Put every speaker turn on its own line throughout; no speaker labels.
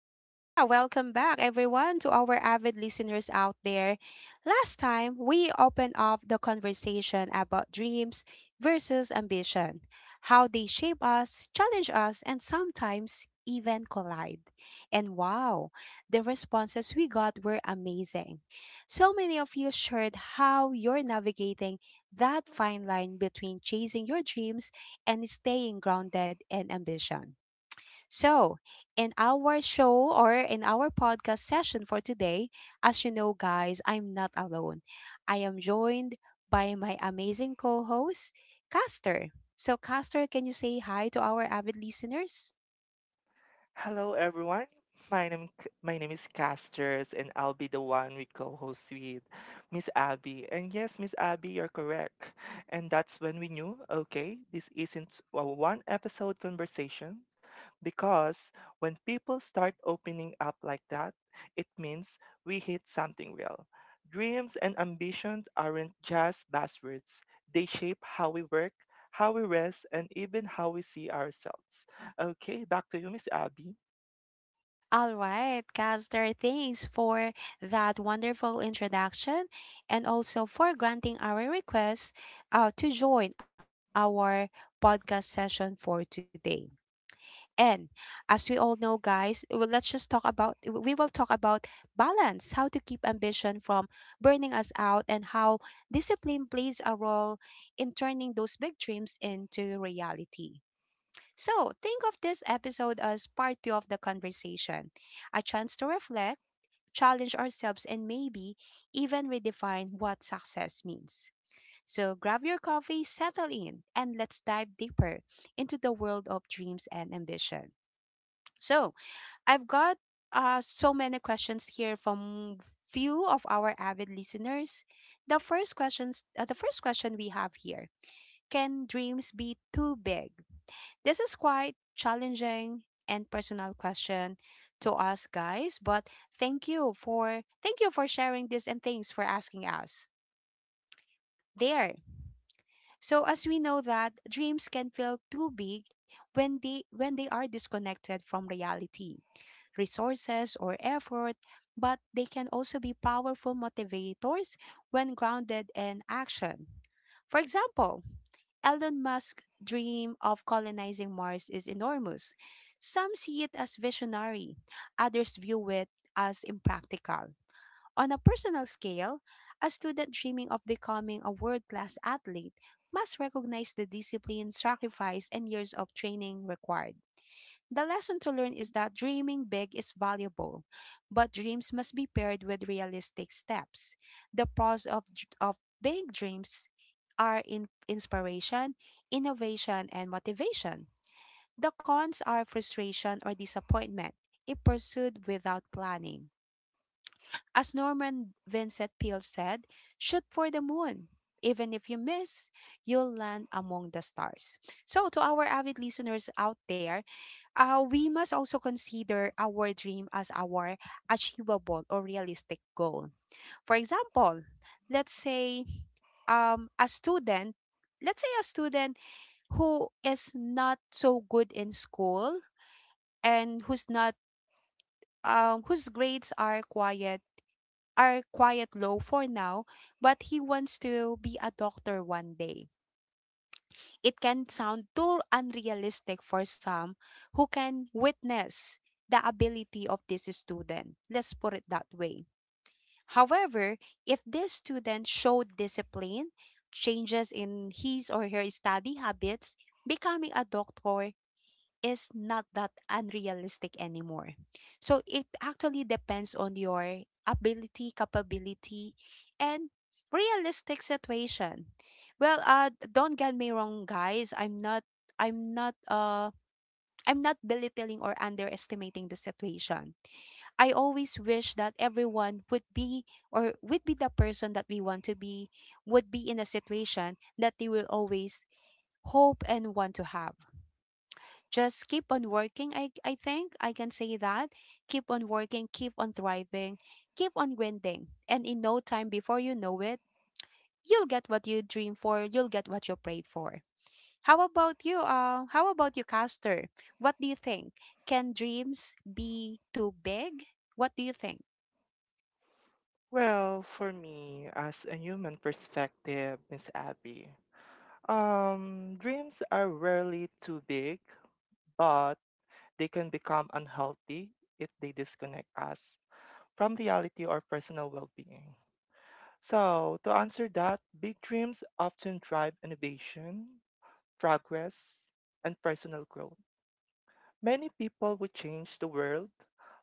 yeah, Welcome back, everyone, to our avid listeners out there. Last time, we opened up the conversation about dreams versus ambition, how they shape us, challenge us, and sometimes even collide. And wow, the responses we got were amazing. So many of you shared how you're navigating that fine line between chasing your dreams and staying grounded in ambition. So, in our show or in our podcast session for today, as you know, guys, I'm not alone. I am joined by my amazing co host, Caster. So, Caster, can you say hi to our avid listeners?
Hello, everyone. My name is Casters, and I'll be the one we co-host with Miss Abby. And yes, Miss Abby, you're correct. And that's when we knew, okay, this isn't a one episode conversation because when people start opening up like that, it means we hit something real. Dreams and ambitions aren't just buzzwords. They shape how we work, how we rest, and even how we see ourselves. Okay, back to you, Miss Abby.
All right, Caster, thanks for that wonderful introduction and also for granting our request to join our podcast session for today. And as we all know, guys, well, let's just talk about, we will talk about balance, how to keep ambition from burning us out, and how discipline plays a role in turning those big dreams into reality. So, think of this episode as part two of the conversation, a chance to reflect, challenge ourselves, and maybe even redefine what success means. So, grab your coffee, settle in, and let's dive deeper into the world of dreams and ambition. So I've got so many questions here from few of our avid listeners. The first question we have here: can dreams be too big? This is quite challenging and personal question to us guys, but thank you for sharing this and thanks for asking us. There. So as we know that dreams can feel too big when they are disconnected from reality, resources, or effort, but they can also be powerful motivators when grounded in action. For example, Elon Musk's dream of colonizing Mars is enormous. Some see it as visionary, others view it as impractical. On a personal scale, a student dreaming of becoming a world class athlete must recognize the discipline, sacrifice, and years of training required. The lesson to learn is that dreaming big is valuable, but dreams must be paired with realistic steps. The pros of big dreams are in inspiration, innovation, and motivation. The cons are frustration or disappointment if pursued without planning. As Norman Vincent Peale said, shoot for the moon. Even if you miss, you'll land among the stars. So, to our avid listeners out there, we must also consider our dream as our achievable or realistic goal. For example, let's say um, a student, let's say a student who is not so good in school and who's not whose grades are quite low for now, but he wants to be a doctor one day. It can sound too unrealistic for some who can witness the ability of this student. Let's put it that way. However, if this student showed discipline, changes in his or her study habits, becoming a doctor is not that unrealistic anymore. So it actually depends on your ability, capability, and realistic situation. Well, don't get me wrong guys, I'm not uh I'm not belittling or underestimating the situation. I always wish that everyone would be or would be the person that we want to be, would be in a situation that they will always hope and want to have. Just keep on working. I think I can say that, keep on working, keep on thriving, keep on grinding, and in no time, before you know it, you'll get what you dream for, you'll get what you prayed for. How about you, Caster? What do you think? Can dreams be too big? What do you think?
Well, for me, as a human perspective, Miss Abby, dreams are rarely too big, but they can become unhealthy if they disconnect us from reality or personal well being. So, to answer that, big dreams often drive innovation, progress, and personal growth. Many people would change the world,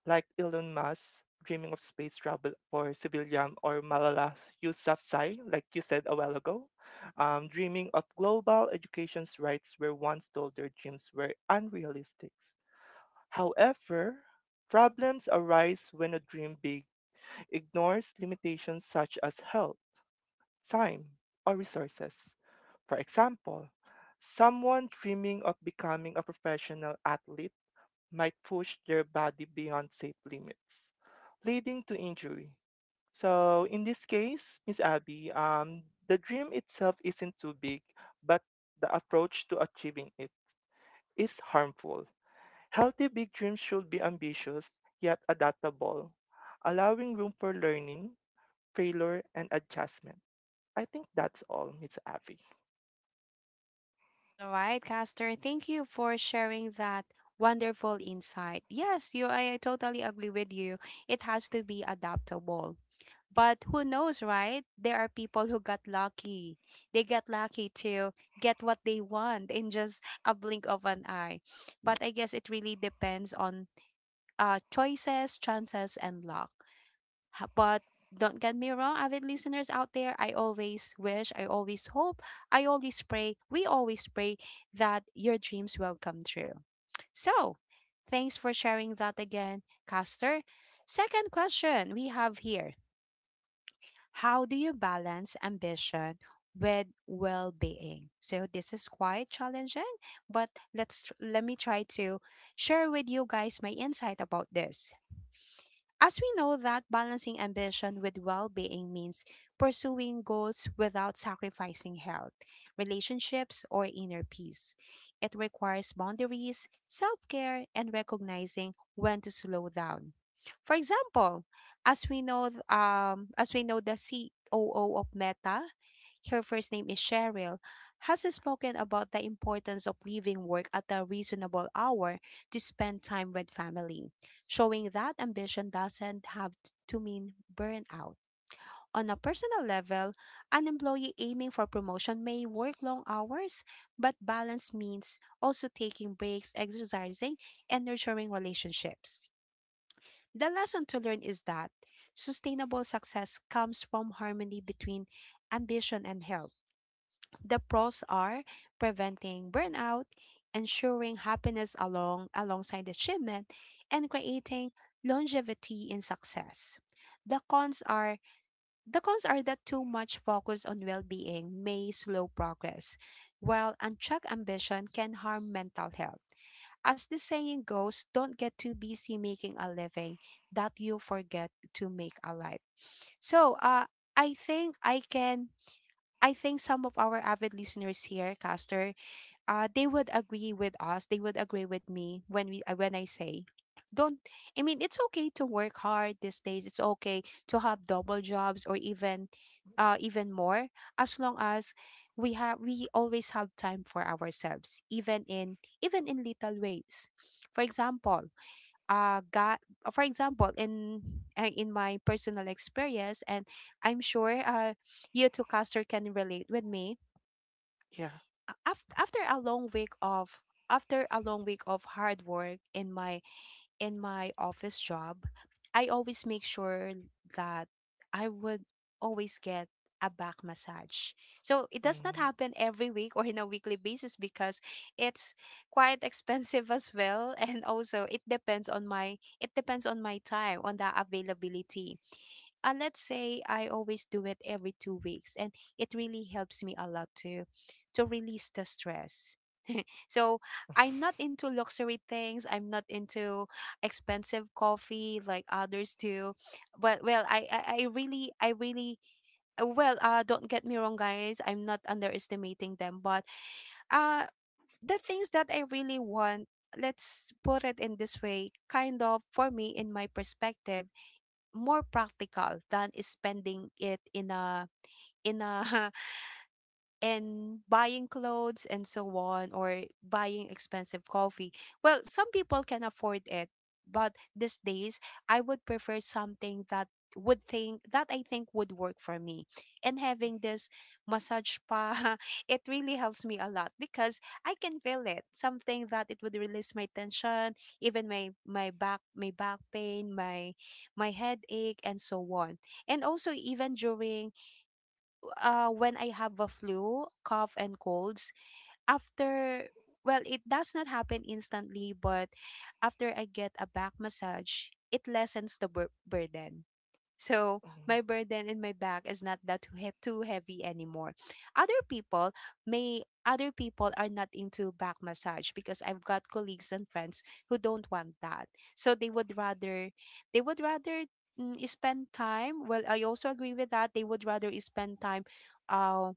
like Elon Musk dreaming of space travel for civilian, or Malala Yousafzai, like you said a while ago, dreaming of global education's rights were once told their dreams were unrealistic. However, problems arise when a dream big ignores limitations such as health, time, or resources. For example, someone dreaming of becoming a professional athlete might push their body beyond safe limits, leading to injury. So, in this case, Miss Abby, the dream itself isn't too big, but the approach to achieving it is harmful. Healthy big dreams should be ambitious yet adaptable, allowing room for learning, failure, and adjustment. I think that's all, Miss Abby.
All right, Caster, thank you for sharing that wonderful insight. Yes, you I totally agree with you. It has to be adaptable. But who knows, right? There are people who got lucky. They got lucky to get what they want in just a blink of an eye. But I guess it really depends on choices, chances, and luck. But don't get me wrong, avid listeners out there, I always wish, I always hope, I always pray, we always pray that your dreams will come true. So, thanks for sharing that again, Caster. Second question we have here: how do you balance ambition with well-being? So this is quite challenging, but let me try to share with you guys my insight about this. As we know that balancing ambition with well-being means pursuing goals without sacrificing health, relationships, or inner peace. It requires boundaries, self-care, and recognizing when to slow down. For example, as we know, the COO of Meta, her first name is Cheryl, has spoken about the importance of leaving work at a reasonable hour to spend time with family, showing that ambition doesn't have to mean burnout. On a personal level, an employee aiming for promotion may work long hours, but balance means also taking breaks, exercising, and nurturing relationships. The lesson to learn is that sustainable success comes from harmony between ambition and health. The pros are preventing burnout, ensuring happiness alongside achievement, and creating longevity in success. The cons are that too much focus on well-being may slow progress, while unchecked ambition can harm mental health. As the saying goes, don't get too busy making a living that you forget to make a life. So, I think I can, I think some of our avid listeners here, Caster, they would agree with us. They would agree with me when we when I say, don't. I mean, it's okay to work hard these days. It's okay to have double jobs or even, even more, as long as we always have time for ourselves, even in even in little ways. For example, got for example in my personal experience, and I'm sure you two, Caster, can relate with me.
Yeah.
After after a long week of after a long week of hard work in my office job, I always make sure that I would always get a back massage. So it does not
Mm,
happen every week or in a weekly basis because it's quite expensive as well, and also it depends on my time, on the availability. Let's say I always do it every 2 weeks and it really helps me a lot to release the stress. So I'm not into luxury things. I'm not into expensive coffee like others do. But well, I really don't get me wrong, guys. I'm not underestimating them, but uh the things that I really want. Let's put it in this way, kind of for me, in my perspective, more practical than spending it in a in a and buying clothes and so on or buying expensive coffee. Well, some people can afford it, but these days I would prefer something that would think that I think would work for me. And having this massage spa, it really helps me a lot because I can feel it. Something that it would release my tension, even my back pain, my headache and so on. And also even during when I have a flu, cough, and colds, after, well, it does not happen instantly, but after I get a back massage, it lessens the burden. So
mm,
my burden in my back is not that too, too heavy anymore. Other people are not into back massage because I've got colleagues and friends who don't want that. So they would rather, spend time. Well, I also agree with that. They would rather spend time uh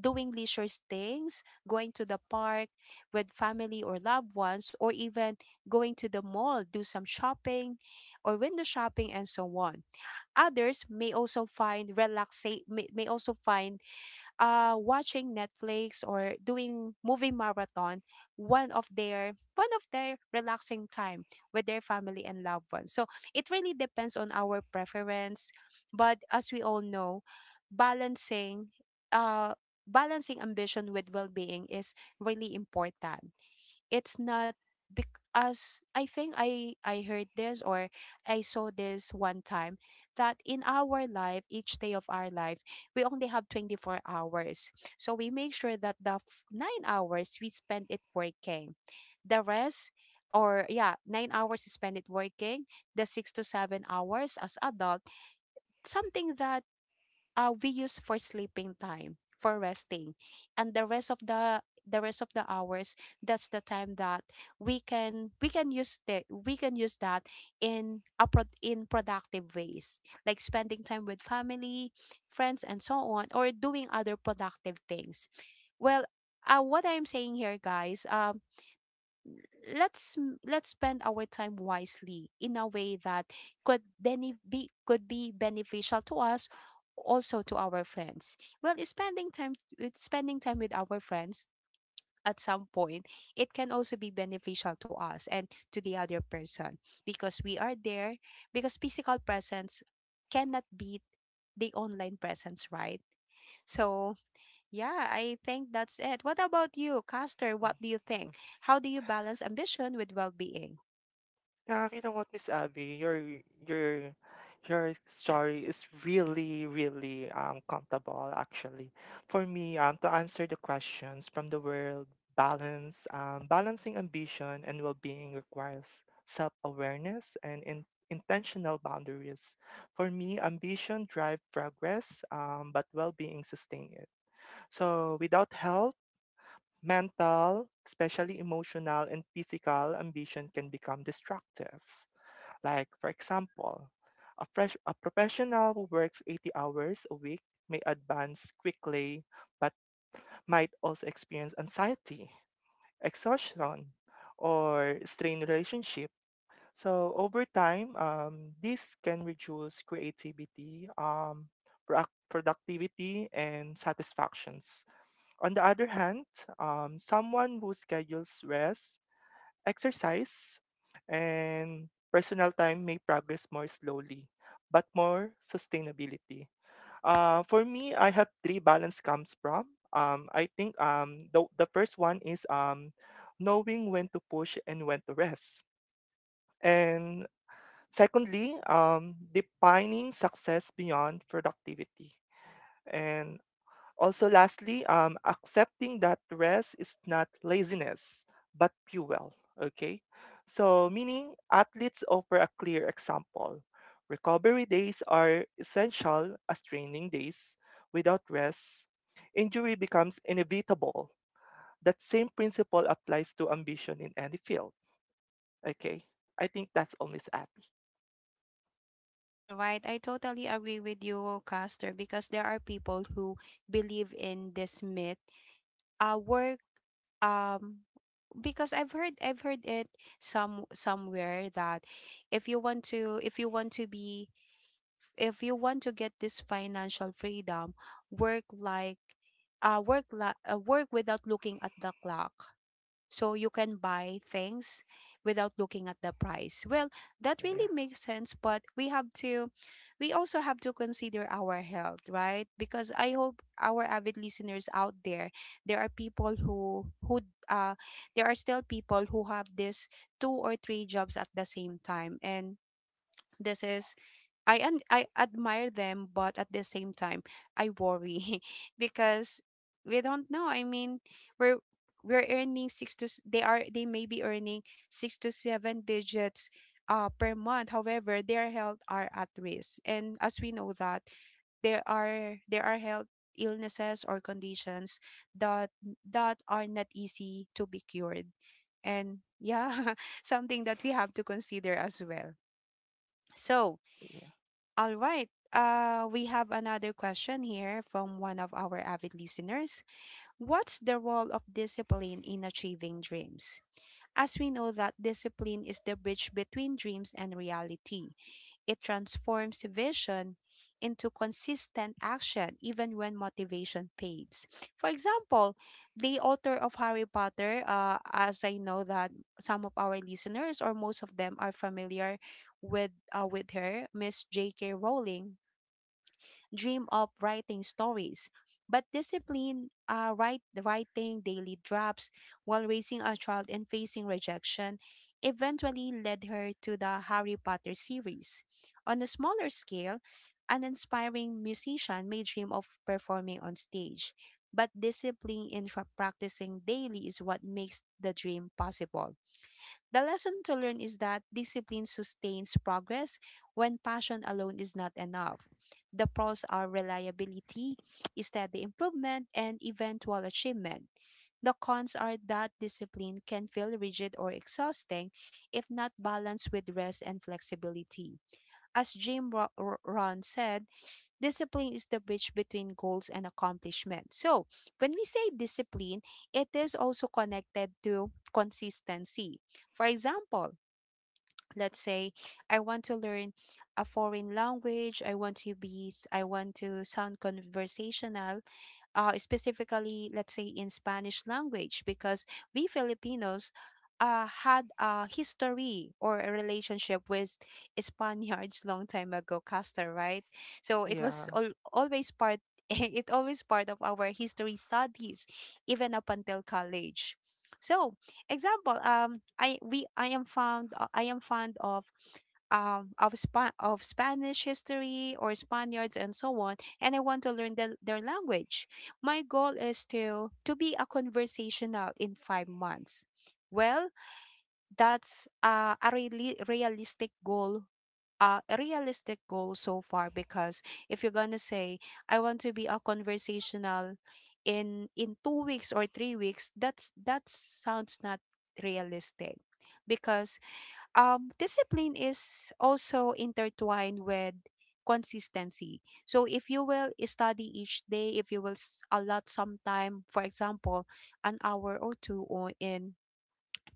doing leisure things, going to the park with family or loved ones, or even going to the mall, do some shopping or window shopping and so on. Others may also find relaxa- may also find watching Netflix or doing movie marathon, one of their relaxing time with their family and loved ones. So it really depends on our preference, but as we all know, balancing, uh ambition with well-being is really important. It's not, because I think I heard this or I saw this one time, that in our life, each day of our life, we only have 24 hours. So we make sure that the 9 hours we spend it working. The rest 9 hours is spend it working, the 6 to 7 hours as adult, something that we use for sleeping time for resting and the rest of the rest of the hours, that's the time that we can use that in productive ways like spending time with family, friends and so on, or doing other productive things. well what I'm saying here, guys, let's spend our time wisely in a way that could be beneficial to us, also to our friends. Well is spending time with Spending time with our friends at some point, it can also be beneficial to us and to the other person because we are there, because physical presence cannot beat the online presence, right? So yeah, I think that's it. What about you, Caster?
mm,
What do you think?
mm.
How do you balance ambition with well being?
Yeah, you know what, Miss Abby, your your story is really, really comfortable actually. For me, to answer the questions from the world, balancing ambition and well-being requires self-awareness and in intentional boundaries. For me, ambition drive progress, but well-being sustain it. So without help, mental, especially emotional and physical ambition can become destructive. Like, for example, a professional who works 80 hours a week may advance quickly, but might also experience anxiety, exhaustion, or strained relationship. So over time, this can reduce creativity, productivity, and satisfactions. On the other hand, someone who schedules rest exercise and personal time may progress more slowly, but more sustainability. For me, I have three balance comes from. The first one is knowing when to push and when to rest. And secondly, defining success beyond productivity. And also, lastly, accepting that rest is not laziness, but fuel. Okay. So, meaning athletes offer a clear example. Recovery days are essential as training days. Without rest, injury becomes inevitable. That same principle applies to ambition in any field. Okay. I think that's only happy.
All right, I totally agree with you, Caster, because there are people who believe in this myth. Work. Um, because I've heard it somewhere that if you want to if you want to be if you want to get this financial freedom, work like work without looking at the clock so you can buy things without looking at the price. Well, that
Yeah.
really makes sense, but we have to, we also have to consider our health, right? Because I hope our avid listeners out there, there are people who uh there are still people who have this two or three jobs at the same time, and this is, I admire them, but at the same time, I worry because we don't know. I mean, we're we're earning six to s- they are, they may be earning six to seven digits per month. However, their health are at risk, and as we know that there are health illnesses or conditions that are not easy to be cured, and yeah, something that we have to consider as well. So
Yeah.
all right. We have another question here from one of our avid listeners. What's the role of discipline in achieving dreams? As we know that discipline is the bridge between dreams and reality, it transforms vision into consistent action even when motivation fades. For example, the author of Harry Potter, as I know that some of our listeners or most of them are familiar with her, Miss J.K. Rowling, dream of writing stories. But discipline, writing daily drops while raising a child and facing rejection eventually led her to the Harry Potter series. On a smaller scale, an inspiring musician may dream of performing on stage, but discipline in practicing daily is what makes the dream possible. The lesson to learn is that discipline sustains progress when passion alone is not enough. The pros are reliability, steady improvement, and eventual achievement. The cons are that discipline can feel rigid or exhausting if not balanced with rest and flexibility. As Ron said, discipline is the bridge between goals and accomplishment. So, when we say discipline, it is also connected to consistency. For example, let's say I want to learn a foreign language, I want to I want to sound conversational. Specifically, let's say, in Spanish language, because we Filipinos had a history or a relationship with Spaniards long time ago, Castor, right? So it
Yeah.
was always part. It always part of our history studies, even up until college. So, example, I am found I am fond of of Spanish history or Spaniards and so on, and I want to learn the, their language. My goal is to be a conversational in 5 months. Well, that's a really realistic goal. A realistic goal so far, because if you're gonna say I want to be a conversational in two weeks or three weeks, that sounds not realistic because discipline is also intertwined with consistency. So if you will study each day, if you will allot some time, for example, an hour or two or in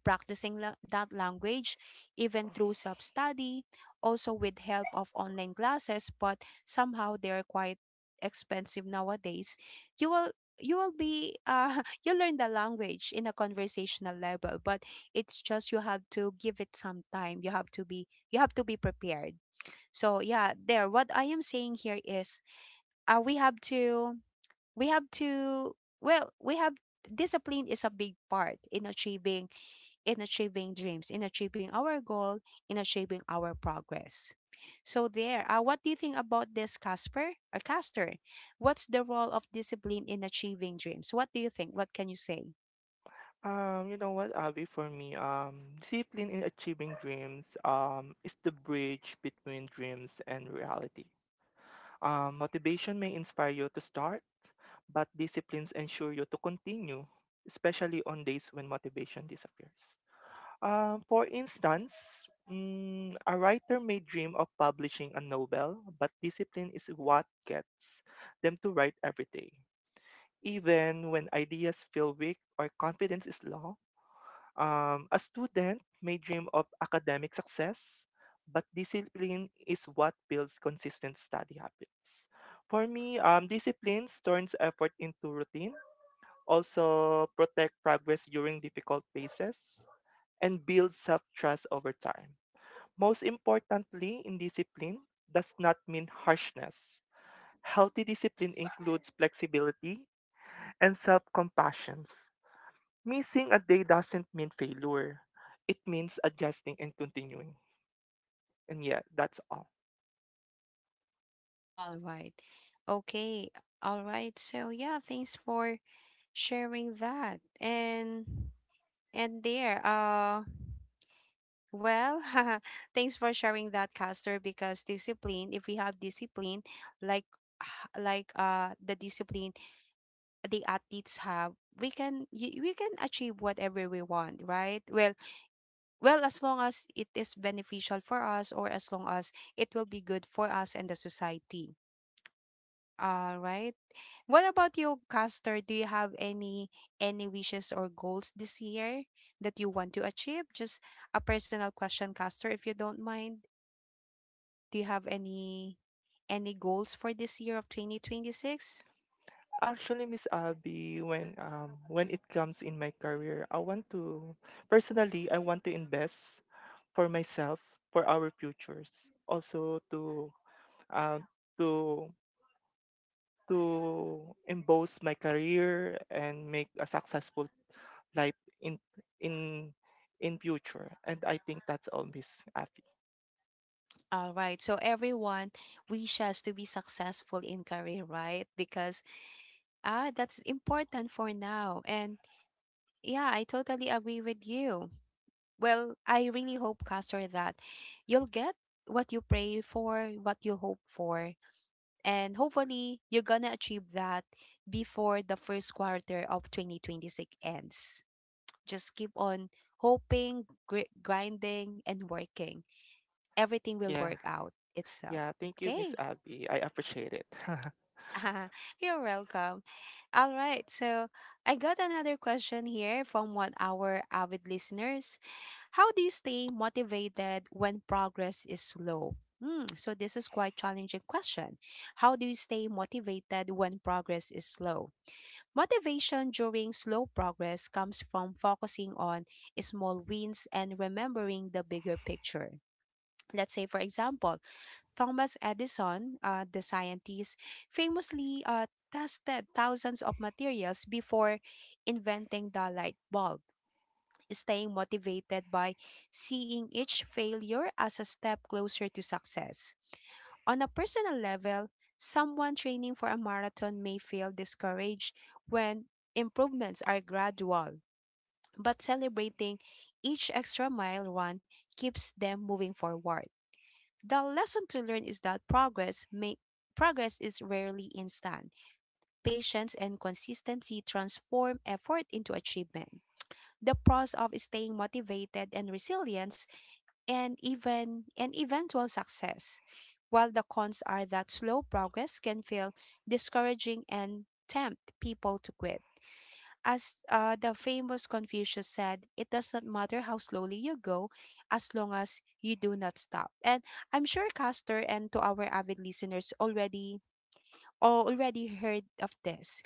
practicing that language, even through self-study, also with help of online classes, but somehow they're quite expensive nowadays, you will, you will be you learn the language in a conversational level, but it's just, you have to give it some time, you have to be, you have to be prepared. So yeah, there what I am saying here is, we have to, we have to, well, we have, discipline is a big part in achieving, in achieving dreams, in achieving our goal, in achieving our progress. So there, what do you think about this, Casper or Castor? What's the role of discipline in achieving dreams? What do you think? What can you say?
You know what, Abby, for me, discipline in achieving dreams, is the bridge between dreams and reality. Motivation may inspire you to start, but disciplines ensure you to continue, especially on days when motivation disappears. For instance, a writer may dream of publishing a novel, but discipline is what gets them to write every day. Even when ideas feel weak or confidence is low, a student may dream of academic success, but discipline is what builds consistent study habits. For me, discipline turns effort into routine, also protect progress during difficult phases, and builds self-trust over time. Most importantly, in discipline does not mean harshness. Healthy discipline includes flexibility and self-compassion. Missing a day doesn't mean failure. It means adjusting and continuing. And yeah, that's all.
All right. Okay. All right. So yeah, thanks for sharing that. And and there, uh well, thanks for sharing that, Castor, because discipline, if we have discipline, like, the discipline the athletes have, we can, we can achieve whatever we want, right? Well, well, as long as it is beneficial for us, or as long as it will be good for us and the society. All right. What about you, Caster? Do you have any wishes or goals this year that you want to achieve? Just a personal question, Caster, if you don't mind. Do you have any goals for this year of 2026?
Actually, Miss Abby, when it comes in my career, I want to personally I want to invest for myself, for our futures, also to um to emboss my career and make a successful life in in future. And I think that's all, Miss Abby.
All right. So everyone wishes to be successful in career, right? Because ah, that's important for now. And yeah, I totally agree with you. Well, I really hope, Castor, that you'll get what you pray for, what you hope for, and hopefully you're gonna achieve that before the first quarter of 2026 ends. Just keep on hoping, grinding, and working. Everything will
Yeah.
work out itself.
Yeah, thank you, Miss
Okay.
Abby. I appreciate it.
You're welcome. All right. So I got another question here from one our avid listeners. How do you stay motivated when progress is slow? Hmm, so this is quite challenging question. How do you stay motivated when progress is slow? Motivation during slow progress comes from focusing on small wins and remembering the bigger picture. Let's say, for example, Thomas Edison, the scientist, famously tested thousands of materials before inventing the light bulb, staying motivated by seeing each failure as a step closer to success. On a personal level, someone training for a marathon may feel discouraged when improvements are gradual, but celebrating each extra mile run keeps them moving forward. The lesson to learn is progress is rarely instant. Patience and consistency transform effort into achievement. The pros of staying motivated and resilience and eventual success. While the cons are that slow progress can feel discouraging and tempt people to quit. As the famous Confucius said, it does not matter how slowly you go as long as you do not stop. And I'm sure Castor and to our avid listeners already, or already heard of this.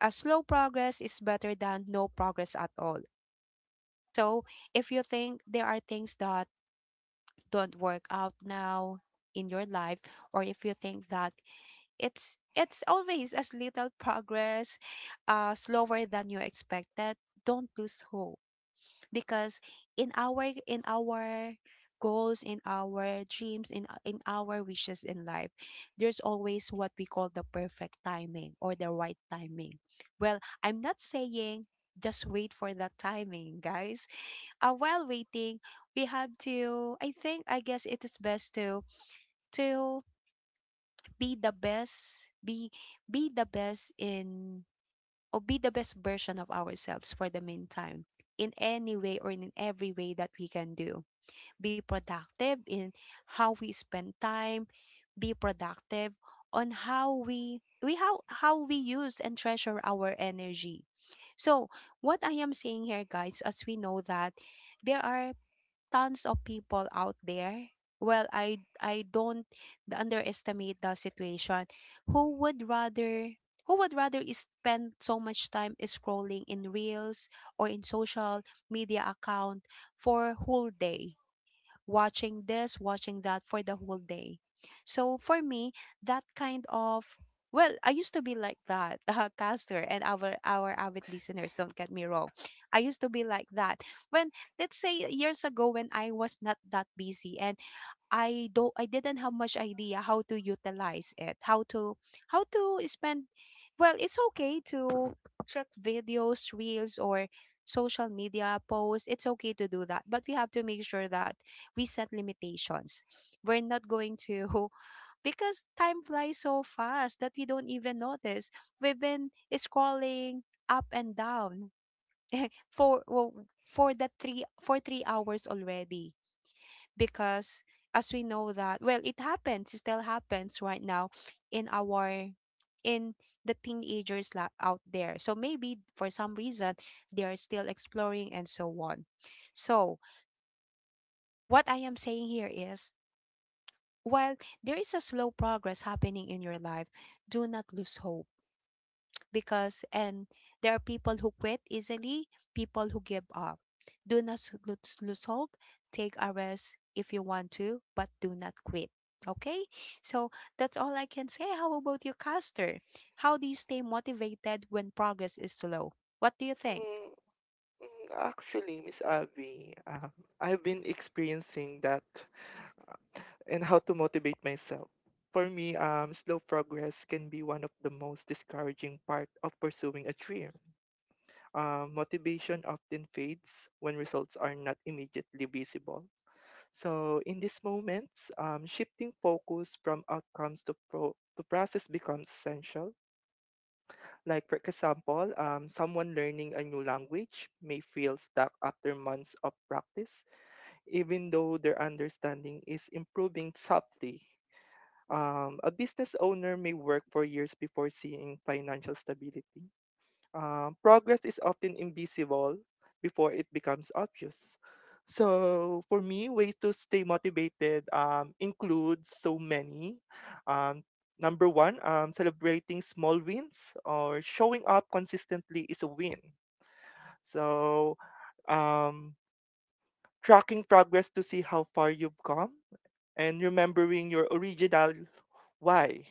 A slow progress is better than no progress at all. So if you think there are things that don't work out now in your life, or if you think that it's always as little progress, slower than you expected, don't lose hope, because in our goals, in our dreams, in our wishes in life, there's always what we call the perfect timing or the right timing. Well, I'm not saying just wait for that timing, guys. While waiting, we have to, I guess it is best to be the best, be the best in, or be the best version of ourselves for the meantime, in any way or in every way that we can do. Be productive in how we spend time, be productive on how we how we use and treasure our energy. So, what I am saying here, guys, as we know that there are tons of people out there, well, I don't underestimate the situation, who would rather who would rather is spend so much time is scrolling in reels or in social media account for whole day, watching this, watching that for the whole day. So for me, that kind of, well, I used to be like that, caster, and our avid listeners. Don't get me wrong, I used to be like that. When, let's say years ago, when I was not that busy, and I didn't have much idea how to utilize it, how to, how to spend, well, it's okay to check videos, reels or social media posts. It's okay to do that, but we have to make sure that we set limitations. We're not going to because time flies so fast that we don't even notice. We've been scrolling up and down for, well, for the three for 3 hours already, because as we know that well it still happens right now in our, in the teenagers out there. So maybe for some reason they are still exploring and so on. So what I am saying here is, while there is a slow progress happening in your life, do not lose hope. Because and There are people who quit easily, people who give up. Do not lose hope. Take a rest if you want to, but do not quit. Okay, so that's all I can say. How about you, Caster? How do you stay motivated when progress is slow? What do you think?
Mm, Actually, Miss Abby, I've been experiencing that and how to motivate myself. For me, slow progress can be one of the most discouraging part of pursuing a dream. Motivation often fades when results are not immediately visible. So, in these moments, shifting focus from outcomes to process becomes essential. Like, for example, someone learning a new language may feel stuck after months of practice, even though their understanding is improving subtly. A business owner may work for years before seeing financial stability, progress is often invisible before it becomes obvious. So for me, ways to stay motivated include so many. Um, Number one, celebrating small wins or showing up consistently is a win. So um, tracking progress to see how far you've come and remembering your original why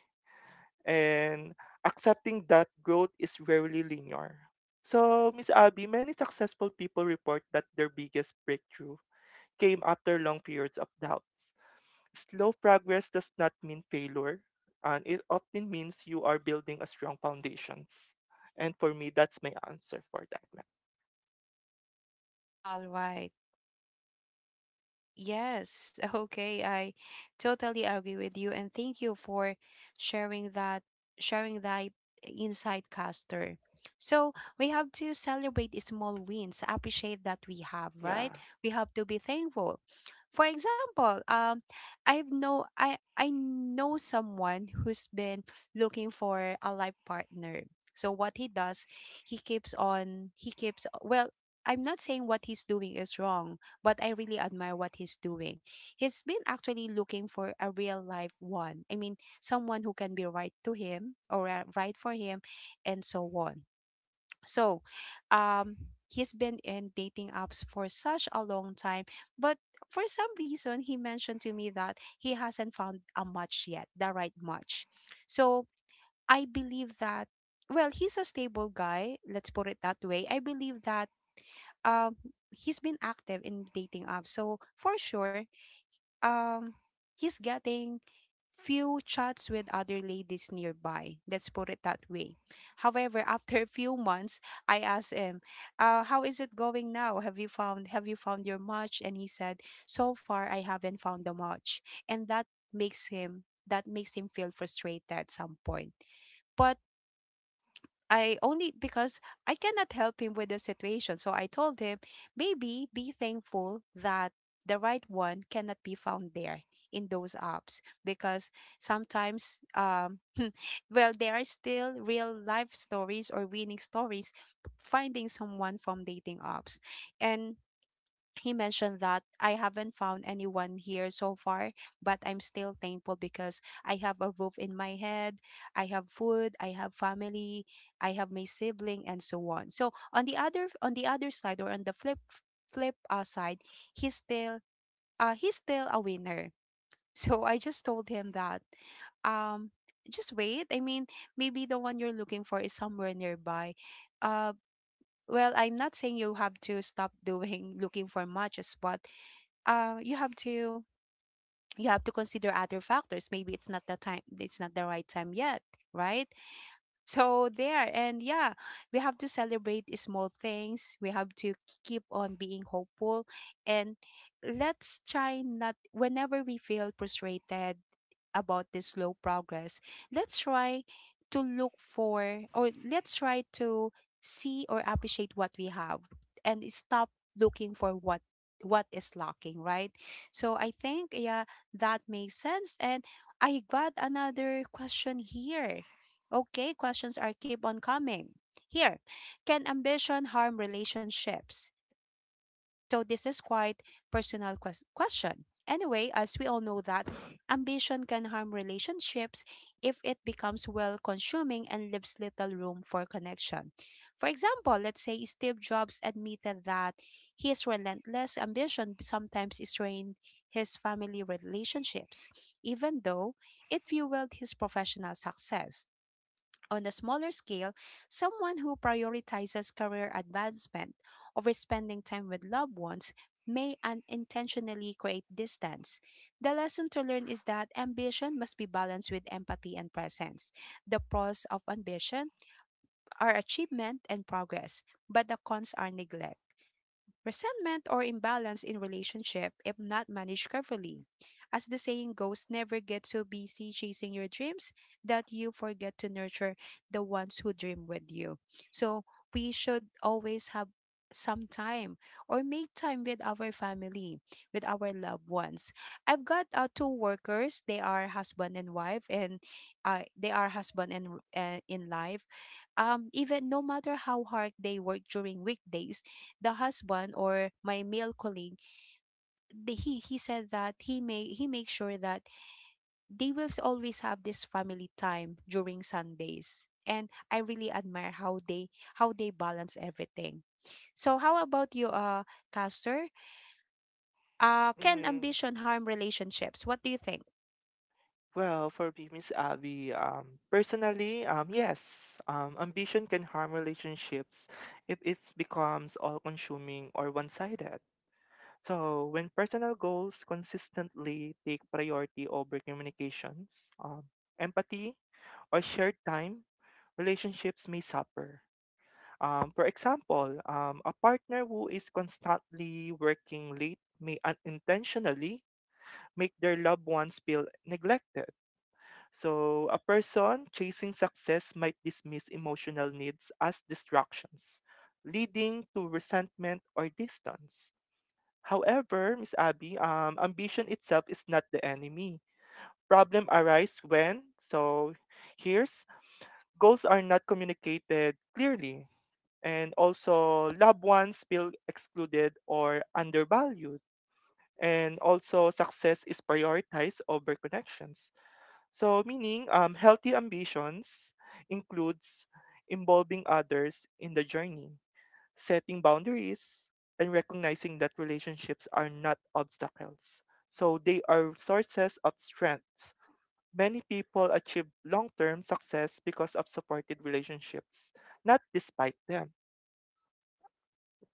and accepting that growth is rarely linear. So, Miss Abby, many successful people report that their biggest breakthrough came after long periods of doubts. Slow progress does not mean failure, and it often means you are building a strong foundations. And for me, that's my answer for that, ma'am.
All right. Yes, okay, I totally agree with you, and thank you for sharing that sharing that insight, Caster. So we have to celebrate small wins, appreciate that we have,
Yeah.
right? We have to be thankful. For example, I know someone who's been looking for a life partner. So what he does, he keeps on he keeps well, I'm not saying what he's doing is wrong, but I really admire what he's doing. He's been actually looking for a real life one. I mean, someone who can be right to him, or right for him, and so on. So, um he's been in dating apps for such a long time, but for some reason he mentioned to me that he hasn't found a match yet, the right match. So, I believe that, well, he's a stable guy, let's put it that way. I believe that um he's been active in dating apps. So for sure, um he's getting few chats with other ladies nearby. Let's put it that way. However, after a few months, I asked him, how is it going now? Have you found your match? And he said, so far I haven't found a match. And that makes him feel frustrated at some point. But, I only because I cannot help him with the situation, so I told him, maybe be thankful that the right one cannot be found there in those apps, because sometimes, well, there are still real life stories or winning stories finding someone from dating apps. And he mentioned that, I haven't found anyone here so far, but I'm still thankful because I have a roof in my head, I have food, I have family, I have my sibling, and so on. So on the other side, or on the flip side, he's still, he's still a winner. So I just told him that, um just wait. I mean, maybe the one you're looking for is somewhere nearby. Uh well, I'm not saying you have to stop doing looking for matches, but uh, you have to you have to consider other factors. Maybe it's not the right time yet, right? So there, and yeah, we have to celebrate small things, we have to keep on being hopeful, and let's try, not whenever we feel frustrated about this slow progress, let's try to look for, or let's try to see or appreciate what we have, and stop looking for what is lacking, right? So I think, yeah, that makes sense. And I got another question here. Okay, questions are keep on coming. Here, can ambition harm relationships? So this is quite personal question. Anyway, as we all know that ambition can harm relationships if it becomes, well, consuming and leaves little room for connection. For example, let's say Steve Jobs admitted that his relentless ambition sometimes strained his family relationships, even though it fueled his professional success. On a smaller scale, someone who prioritizes career advancement over spending time with loved ones may unintentionally create distance. The lesson to learn is that ambition must be balanced with empathy and presence. The pros of ambition are achievement and progress, but the cons are neglect, resentment, or imbalance in relationship if not managed carefully. As the saying goes, never get so busy chasing your dreams that you forget to nurture the ones who dream with you. So we should always have some time, or make time with our family, with our loved ones. I've got two workers. They are husband and wife, and they are husband and in life. Even no matter how hard they work during weekdays, the husband, or my male colleague, he said that he makes sure that they will always have this family time during Sundays, and I really admire how they balance everything. So how about you, Caster, can
Mm.
ambition harm relationships? What do you think?
Well, for me, Miss Abby, yes, ambition can harm relationships if it becomes all-consuming or one-sided. So, when personal goals consistently take priority over communications, um, empathy, or shared time, relationships may suffer. For example, a partner who is constantly working late may unintentionally make their loved ones feel neglected, so a person chasing success might dismiss emotional needs as distractions, leading to resentment or distance. However, Miss Abby, ambition itself is not the enemy. Problem arise when, so here's goals are not communicated clearly, and also loved ones feel excluded or undervalued, and also success is prioritized over connections. So, meaning healthy ambitions includes involving others in the journey, setting boundaries, and recognizing that relationships are not obstacles. So, they are sources of strength. Many people achieve long term success because of supported relationships, not despite them.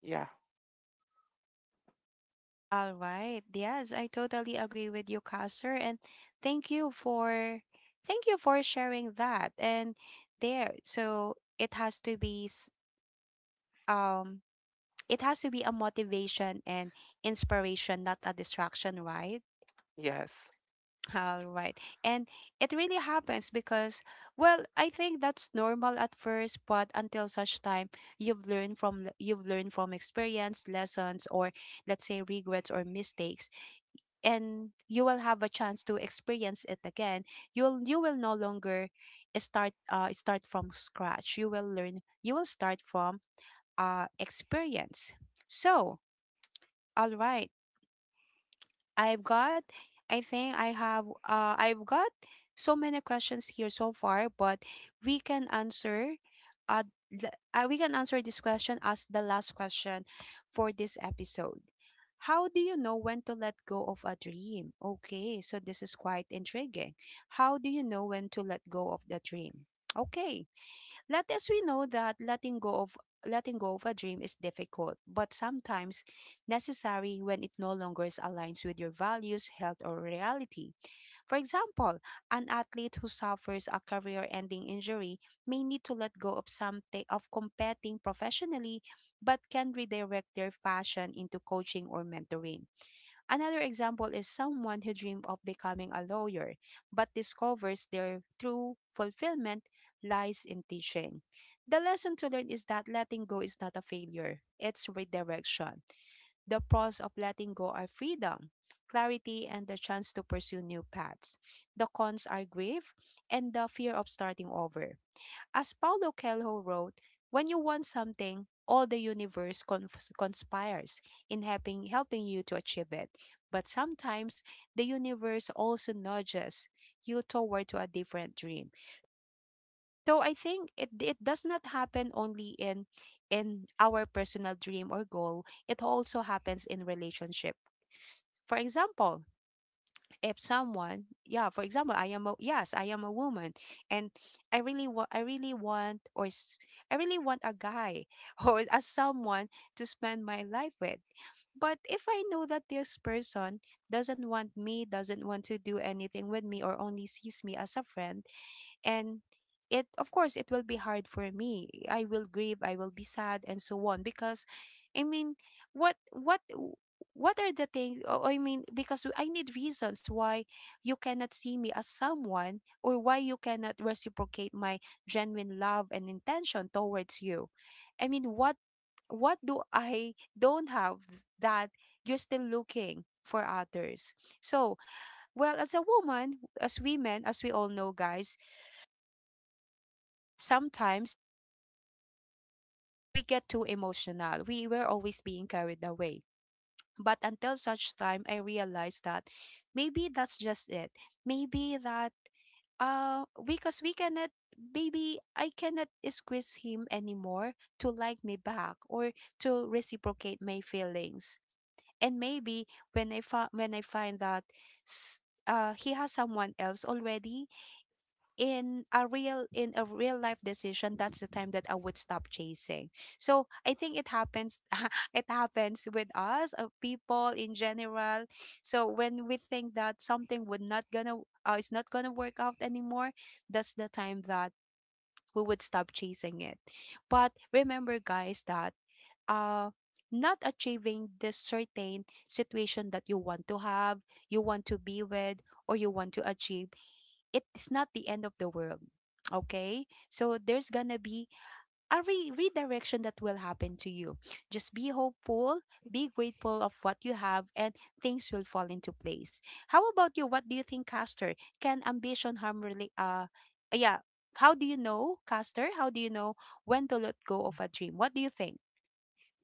Yeah,
All right, yes, I totally agree with you, Caster, and thank you for thank you for sharing that. And there, so it has to be um it has to be a motivation and inspiration, not a distraction, right?
yes.
All right. And it really happens because, well, I think that's normal at first, but until such time you've learned from experience, lessons, or let's say regrets or mistakes, and you will have a chance to experience it again. You will no longer start, start from scratch. You will learn. You will start from experience. So, all right. I've got, I think I have, I've got so many questions here so far, but we can answer, uh, we can answer this question as the last question for this episode. How do you know when to let go of a dream? Okay, so this is quite intriguing. How do you know when to let go of the dream? Okay, let us we know that letting go of a dream is difficult, but sometimes necessary when it no longer aligns with your values, health, or reality. For example, an athlete who suffers a career-ending injury may need to let go of competing professionally, but can redirect their passion into coaching or mentoring. Another example is someone who dreamed of becoming a lawyer but discovers their true fulfillment lies in teaching. The lesson to learn is that letting go is not a failure, it's redirection. The pros of letting go are freedom, clarity, and the chance to pursue new paths. The cons are grief and the fear of starting over. As Paulo Coelho wrote, when you want something, all the universe conspires in helping you to achieve it. But sometimes the universe also nudges you toward to a different dream. So I think it does not happen only in, our personal dream or goal. It also happens in relationship. For example, if someone, for example, I am a woman, and i really want i really want or s- I really want a guy, or as someone to spend my life with. But if I know that this person doesn't want me, doesn't want to do anything with me, or only sees me as a friend, and it of course it will be hard for me. I will grieve, I will be sad, and so on. Because, I mean, what what what are the things? I mean, because I need reasons why you cannot see me as someone, or why you cannot reciprocate my genuine love and intention towards you. I mean, what do I don't have, that you're still looking for others? So, well, as a woman, as women, as we all know, guys, sometimes we get too emotional. We were always being carried away. But until such time, I realized that maybe that's just it. Maybe that because we cannot maybe I cannot squeeze him anymore to like me back, or to reciprocate my feelings. And maybe when when I find that, he has someone else already, in a real life decision, that's the time that I would stop chasing. So I think it happens, it happens with us, people in general. So when we think that something would not gonna is not gonna work out anymore, that's the time that we would stop chasing it. But remember, guys, that uh not achieving this certain situation that you want to have, you want to be with, or you want to achieve, it is not the end of the world. Okay? So there's going to be a redirection that will happen to you. Just be hopeful, be grateful of what you have, and things will fall into place. How about you? What do you think, Caster? Can ambition harm really? Yeah. How do you know, Caster? How do you know when to let go of a dream? What do you think?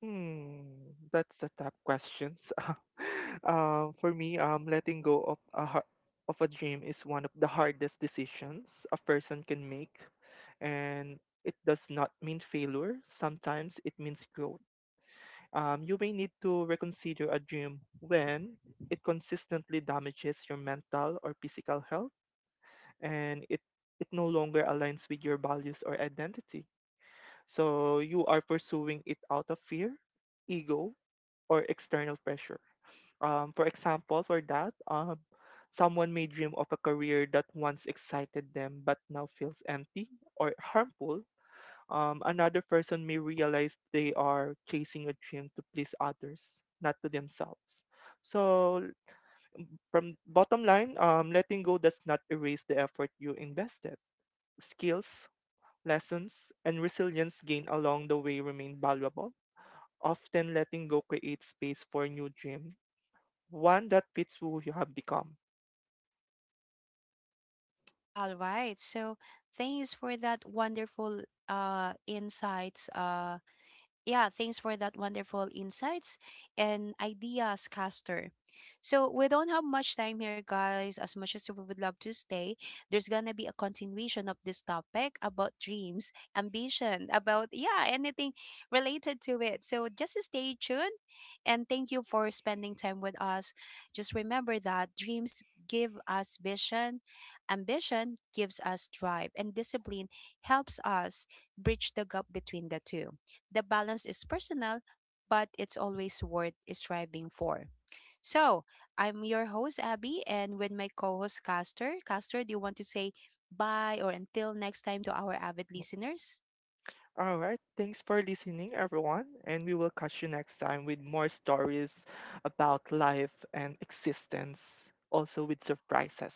Hmm, that's a tough questions. For me, letting go of of a dream is one of the hardest decisions a person can make, and it does not mean failure. Sometimes it means growth. You may need to reconsider a dream when it consistently damages your mental or physical health, and it no longer aligns with your values or identity. So you are pursuing it out of fear, ego, or external pressure. For example, for that, someone may dream of a career that once excited them but now feels empty or harmful. Another person may realize they are chasing a dream to please others, not to themselves. So, from bottom line, letting go does not erase the effort you invested. Skills, lessons, and resilience gained along the way remain valuable. Often, letting go creates space for new dreams, one that fits who you have become.
All right. So thanks for that wonderful insights, yeah, thanks for that wonderful insights and ideas, Caster. So we don't have much time here, guys. As much as we would love to stay, there's gonna be a continuation of this topic about dreams, ambition, about, yeah, anything related to it. So just stay tuned, and thank you for spending time with us. Just remember that dreams give us vision, ambition gives us drive, and discipline helps us bridge the gap between the two. The balance is personal, but it's always worth striving for. So, I'm your host, Abby, and with my co host, Castor. Castor, do you want to say bye or until next time to our avid listeners?
All right, thanks for listening, everyone, and we will catch you next time with more stories about life and existence, also with surprises.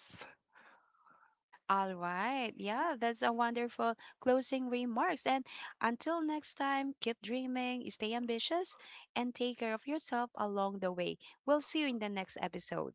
All right. Yeah, that's a wonderful closing remarks. And until next time, keep dreaming, stay ambitious, and take care of yourself along the way. We'll see you in the next episode.